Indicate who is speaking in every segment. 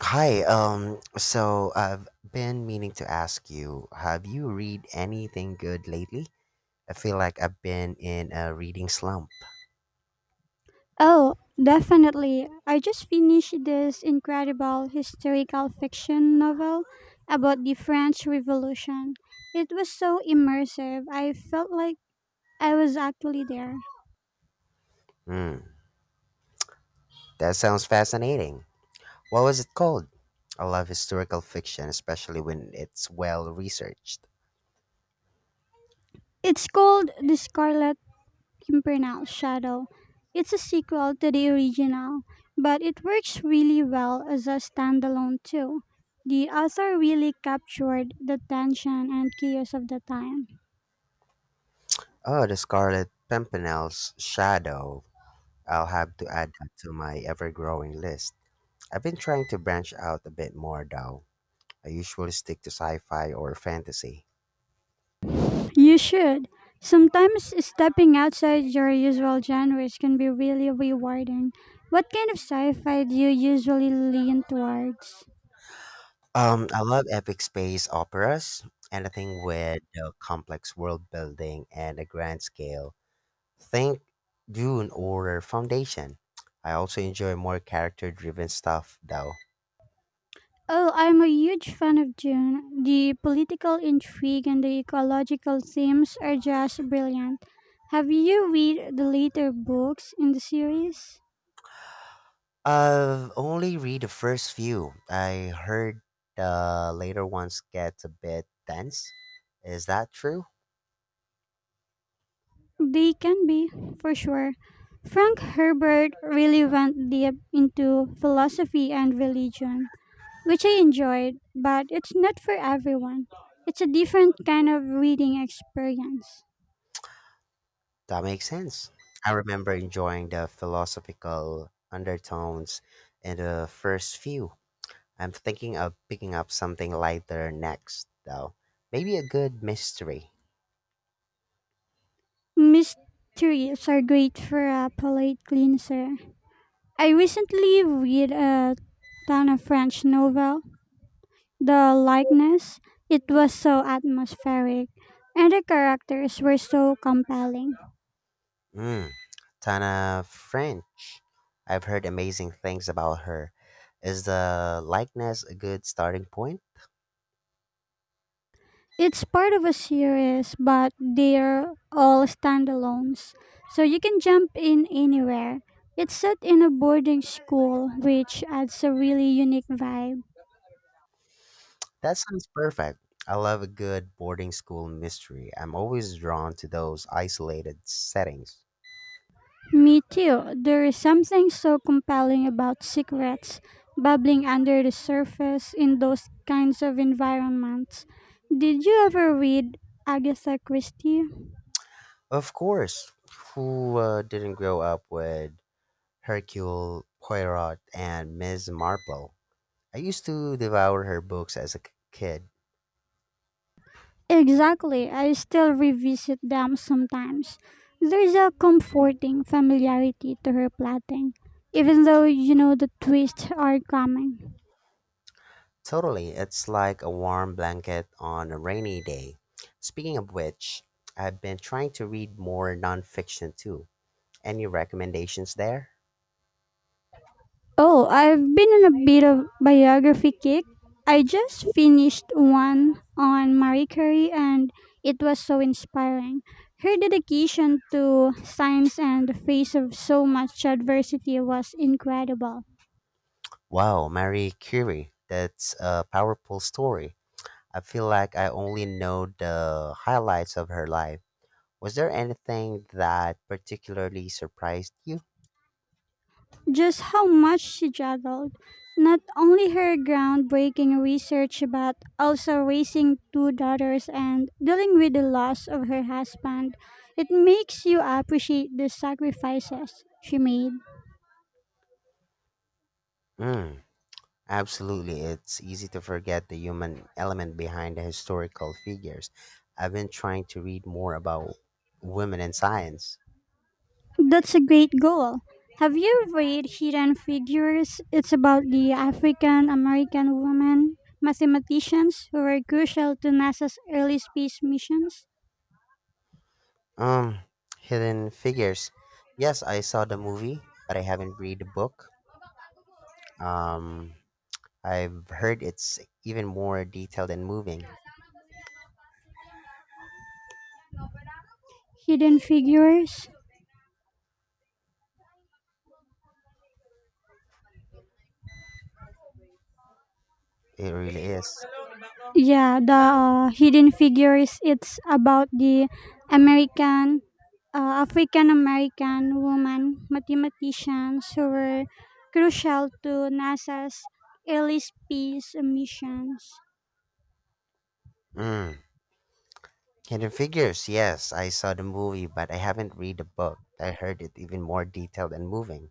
Speaker 1: Hi, so I've been meaning to ask you, have you read anything good lately? I feel like I've been in a reading slump.
Speaker 2: Oh, definitely. I just finished this incredible historical fiction novel about the French Revolution. It was so immersive. I felt like I was actually there.
Speaker 1: Hmm, that sounds fascinating. What was it called? I love historical fiction, especially when it's well researched.
Speaker 2: It's called The Scarlet Pimpernel Shadow. It's a sequel to the original, but it works really well as a standalone too. The author really captured the tension and chaos of the time.
Speaker 1: Oh, The Scarlet Pimpernel's Shadow. I'll have to add that to my ever growing list. I've been trying to branch out a bit more, though. I usually stick to sci fi or fantasy.
Speaker 2: You should. Sometimes stepping outside your usual genres can be really rewarding. What kind of sci fi do you usually lean towards?
Speaker 1: I love epic space operas. Anything with complex world building and a grand scale. Think Dune or Foundation. I also enjoy more character driven stuff though.
Speaker 2: Oh, I'm a huge fan of Dune. The political intrigue and the ecological themes are just brilliant. Have you read the later books in the series?
Speaker 1: I've only read the first few. I heard the later ones get a bit dense. Is that true?
Speaker 2: They can be, for sure. Frank Herbert really went deep into philosophy and religion, which I enjoyed, but it's not for everyone. It's a different kind of reading experience.
Speaker 1: That makes sense. I remember enjoying the philosophical undertones in the first few. I'm thinking of picking up something lighter next, though. Maybe a good mystery.
Speaker 2: Mysteries are great for a palate cleanser. I recently read a ton of French novel, The Likeness. It was so atmospheric, and the characters were so compelling.
Speaker 1: Mm, Tana French. I've heard amazing things about her. Is the likeness a good starting point?
Speaker 2: It's part of a series, but they're all standalones, so you can jump in anywhere. It's set in a boarding school, which adds a really unique vibe.
Speaker 1: That sounds perfect. I love a good boarding school mystery. I'm always drawn to those isolated settings.
Speaker 2: Me too. There is something so compelling about secrets bubbling under the surface in those kinds of environments. Did you ever read Agatha Christie?
Speaker 1: Of course, who didn't grow up with Hercule Poirot and Miss Marple? I used to devour her books as a kid.
Speaker 2: Exactly. I still revisit them sometimes. There's a comforting familiarity to her plotting, even though you know the twists are coming.
Speaker 1: Totally, it's like a warm blanket on a rainy day. Speaking of which, I've been trying to read more nonfiction too. Any recommendations there?
Speaker 2: Oh, I've been on a bit of biography kick. I just finished one on Marie Curie and it was so inspiring. Her dedication to science and the face of so much adversity was incredible.
Speaker 1: Wow, Marie Curie, that's a powerful story. I feel like I only know the highlights of her life. Was there anything that particularly surprised you?
Speaker 2: Just how much she juggled. Not only her groundbreaking research, but also raising two daughters and dealing with the loss of her husband. It makes you appreciate the sacrifices she made.
Speaker 1: Mm, absolutely, it's easy to forget the human element behind the historical figures. I've been trying to read more about women in science.
Speaker 2: That's a great goal. Have you read Hidden Figures? It's about the African American women mathematicians who were crucial to NASA's early space missions.
Speaker 1: Um, Hidden Figures. Yes, I saw the movie, but I haven't read the book. Um, I've heard it's even more detailed and moving.
Speaker 2: Hidden Figures?
Speaker 1: It really is.
Speaker 2: Yeah, the Hidden Figures. It's about the American, African American woman mathematicians who were crucial to NASA's early space missions.
Speaker 1: Mm. Hidden Figures. Yes, I saw the movie, but I haven't read the book. I heard it even more detailed and moving.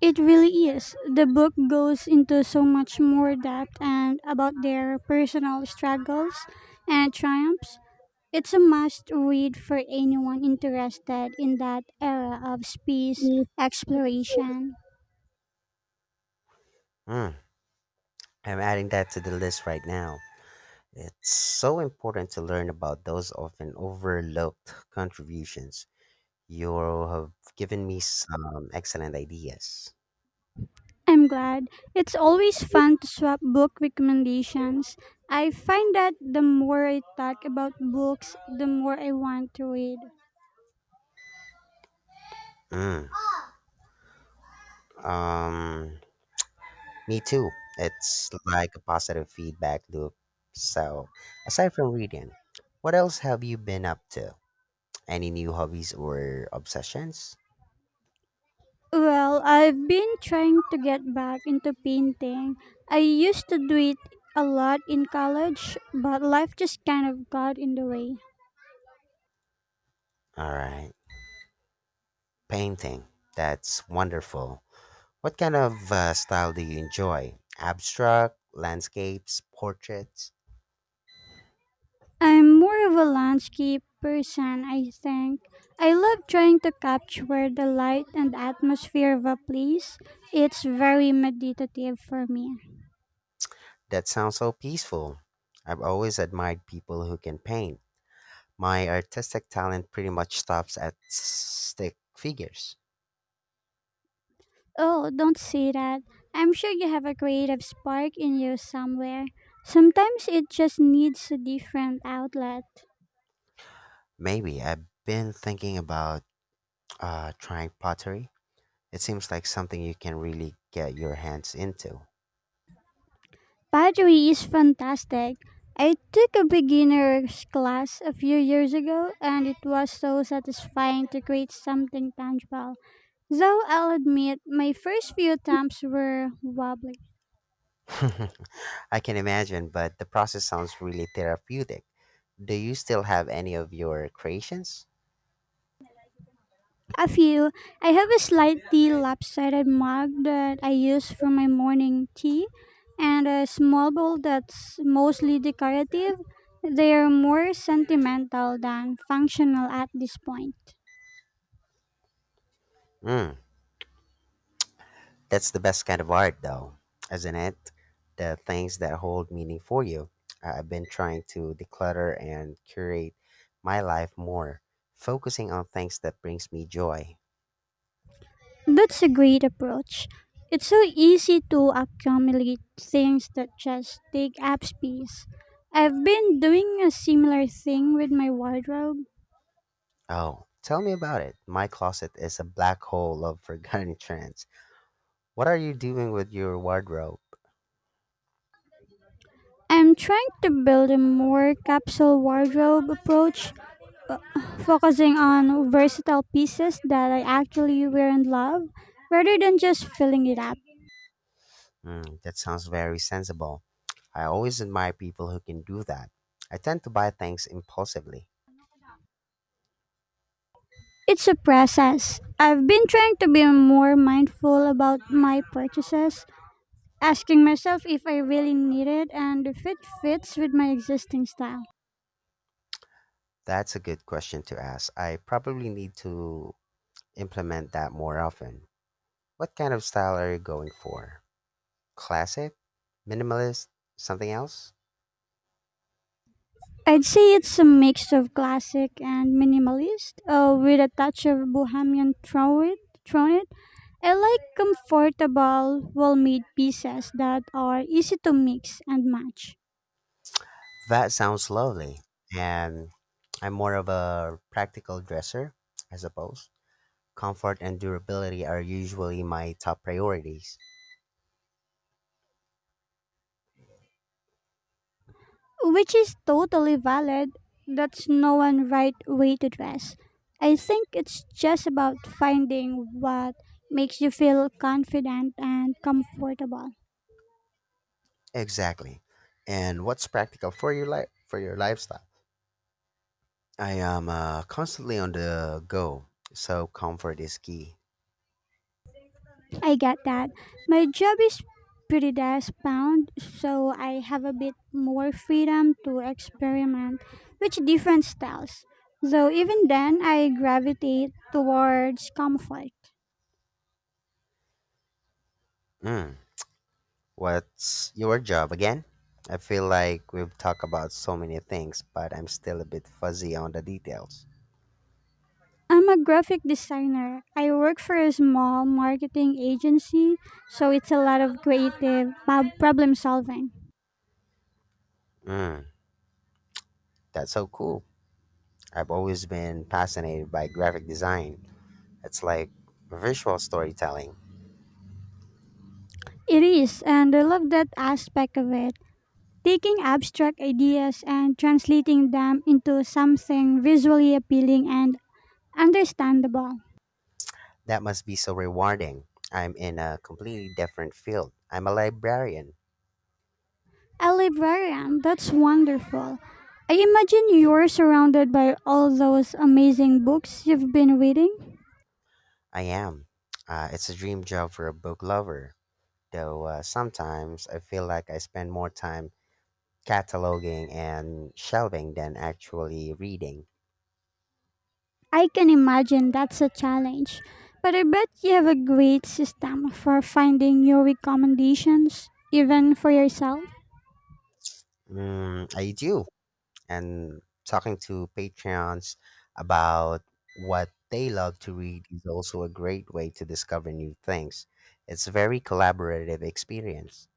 Speaker 2: It really is. The book goes into so much more depth and about their personal struggles and triumphs. It's a must read for anyone interested in that era of space exploration.
Speaker 1: Mm. I'm adding that to the list right now. It's so important to learn about those often overlooked contributions. You have given me some excellent ideas.
Speaker 2: I'm glad. It's always fun to swap book recommendations. I find that the more I talk about books, the more I want to read.
Speaker 1: Mm, um, me too. It's like a positive feedback loop. So, aside from reading, what else have you been up to? Any new hobbies or obsessions?
Speaker 2: Well, I've been trying to get back into painting. I used to do it a lot in college, but life just kind of got in the way.
Speaker 1: All right, painting. That's wonderful. What kind of style do you enjoy? Abstract, landscapes, portraits?
Speaker 2: I'm more of a landscape person, I think. I love trying to capture the light and atmosphere of a place. It's very meditative for me.
Speaker 1: That sounds so peaceful. I've always admired people who can paint. My artistic talent pretty much stops at stick figures.
Speaker 2: Oh, don't say that. I'm sure you have a creative spark in you somewhere. Sometimes it just needs a different outlet.
Speaker 1: Maybe I've been thinking about trying pottery. It seems like something you can really get your hands into.
Speaker 2: Pottery is fantastic. I took a beginner's class a few years ago and it was so satisfying to create something tangible. Though I'll admit my first few attempts were wobbly.
Speaker 1: I can imagine, but the process sounds really therapeutic. Do you still have any of your creations?
Speaker 2: A few. I have a slightly lopsided mug that I use for my morning tea and a small bowl that's mostly decorative. They are more sentimental than functional at this point.
Speaker 1: Hmm. That's the best kind of art, though, isn't it? The things that hold meaning for you. I've been trying to declutter and curate my life more, focusing on things that brings me joy.
Speaker 2: That's a great approach. It's so easy to accumulate things that just take up space. I've been doing a similar thing with my wardrobe.
Speaker 1: Oh, tell me about it. My closet is a black hole of forgotten trends. What are you doing with your wardrobe?
Speaker 2: I'm trying to build a more capsule wardrobe approach, uh, focusing on versatile pieces that I actually wear and love rather than just filling it up.
Speaker 1: Mm, that sounds very sensible. I always admire people who can do that. I tend to buy things impulsively.
Speaker 2: It's a process. I've been trying to be more mindful about my purchases, asking myself if I really need it and if it fits with my existing style.
Speaker 1: That's a good question to ask. I probably need to implement that more often. What kind of style are you going for? Classic? Minimalist? Something else?
Speaker 2: I'd say it's a mix of classic and minimalist, with a touch of bohemian thrown it. I like comfortable, well-made pieces that are easy to mix and match,
Speaker 1: That sounds lovely. And I'm more of a practical dresser, I suppose. Comfort and durability are usually my top priorities.
Speaker 2: which is totally valid. That's no one right way to dress. I think it's just about finding what makes you feel confident and comfortable.
Speaker 1: Exactly. And what's practical for your life for your lifestyle? I am constantly on the go, so comfort is key.
Speaker 2: I get that. My job is pretty desk bound, so I have a bit more freedom to experiment with different styles. Though even then, I gravitate towards comfort.
Speaker 1: Mm. What's your job again? I feel like we've talked about so many things, but I'm still a bit fuzzy on the details.
Speaker 2: I'm a graphic designer. I work for a small marketing agency, so it's a lot of creative problem solving.
Speaker 1: Mm, that's so cool. I've always been fascinated by graphic design. It's like visual storytelling.
Speaker 2: It is, and I love that aspect of it. Taking abstract ideas and translating them into something visually appealing and understandable.
Speaker 1: That must be so rewarding. I'm in a completely different field. I'm a librarian.
Speaker 2: A librarian, that's wonderful. I imagine you're surrounded by all those amazing books you've been reading.
Speaker 1: I am. It's a dream job for a book lover, though sometimes I feel like I spend more time cataloging and shelving than actually reading.
Speaker 2: I can imagine that's a challenge, but I bet you have a great system for finding your recommendations, even for yourself.
Speaker 1: Mm, I do. And talking to Patreons about what they love to read is also a great way to discover new things. It's a very collaborative experience.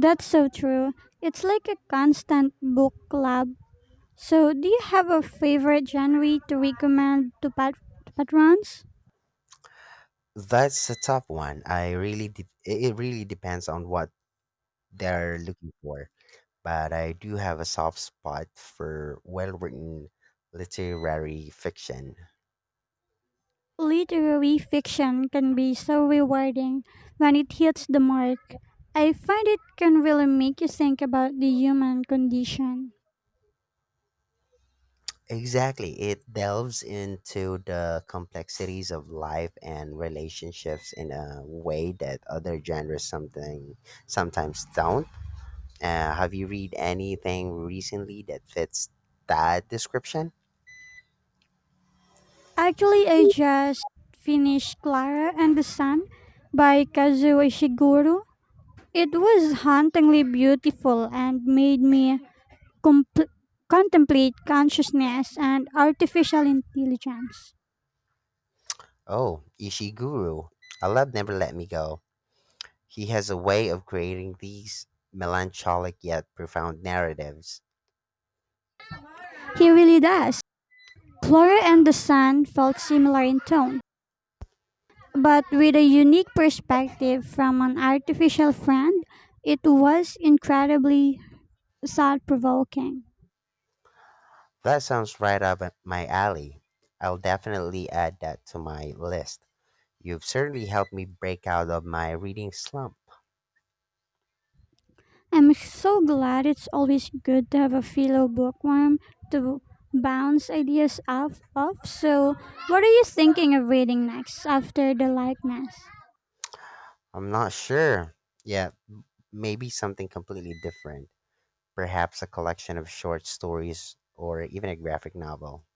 Speaker 2: That's so true. It's like a constant book club. So, do you have a favorite genre to recommend to to patrons?
Speaker 1: That's a tough one. It really depends on what they're looking for. But I do have a soft spot for well-written literary fiction.
Speaker 2: Literary fiction can be so rewarding when it hits the mark. I find it can really make you think about the human condition.
Speaker 1: Exactly. It delves into the complexities of life and relationships in a way that other genres something sometimes don't. Have you read anything recently that fits that description?
Speaker 2: Actually, I just finished Clara and the Sun by Kazuo Ishiguro. It was hauntingly beautiful and made me compl- contemplate consciousness and artificial intelligence.
Speaker 1: Oh, Ishiguro. I love Never Let Me Go. He has a way of creating these melancholic yet profound narratives.
Speaker 2: He really does. Flora and the Sun felt similar in tone, but with a unique perspective from an artificial friend, it was incredibly thought provoking.
Speaker 1: That sounds right up my alley. I'll definitely add that to my list. You've certainly helped me break out of my reading slump.
Speaker 2: I'm so glad. It's always good to have a fellow bookworm to bounce ideas off of. So, what are you thinking of reading next after the likeness?
Speaker 1: I'm not sure. Yeah, maybe something completely different. Perhaps a collection of short stories or even a graphic novel.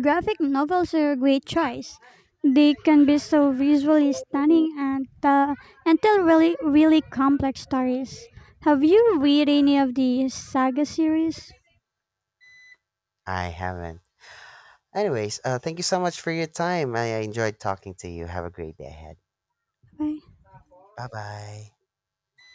Speaker 2: Graphic novels are a great choice. They can be so visually stunning and tell really complex stories. Have you read any of the saga series?
Speaker 1: I haven't. Anyways, thank you so much for your time. I enjoyed talking to you. Have a great day ahead.
Speaker 2: Bye.
Speaker 1: Bye bye.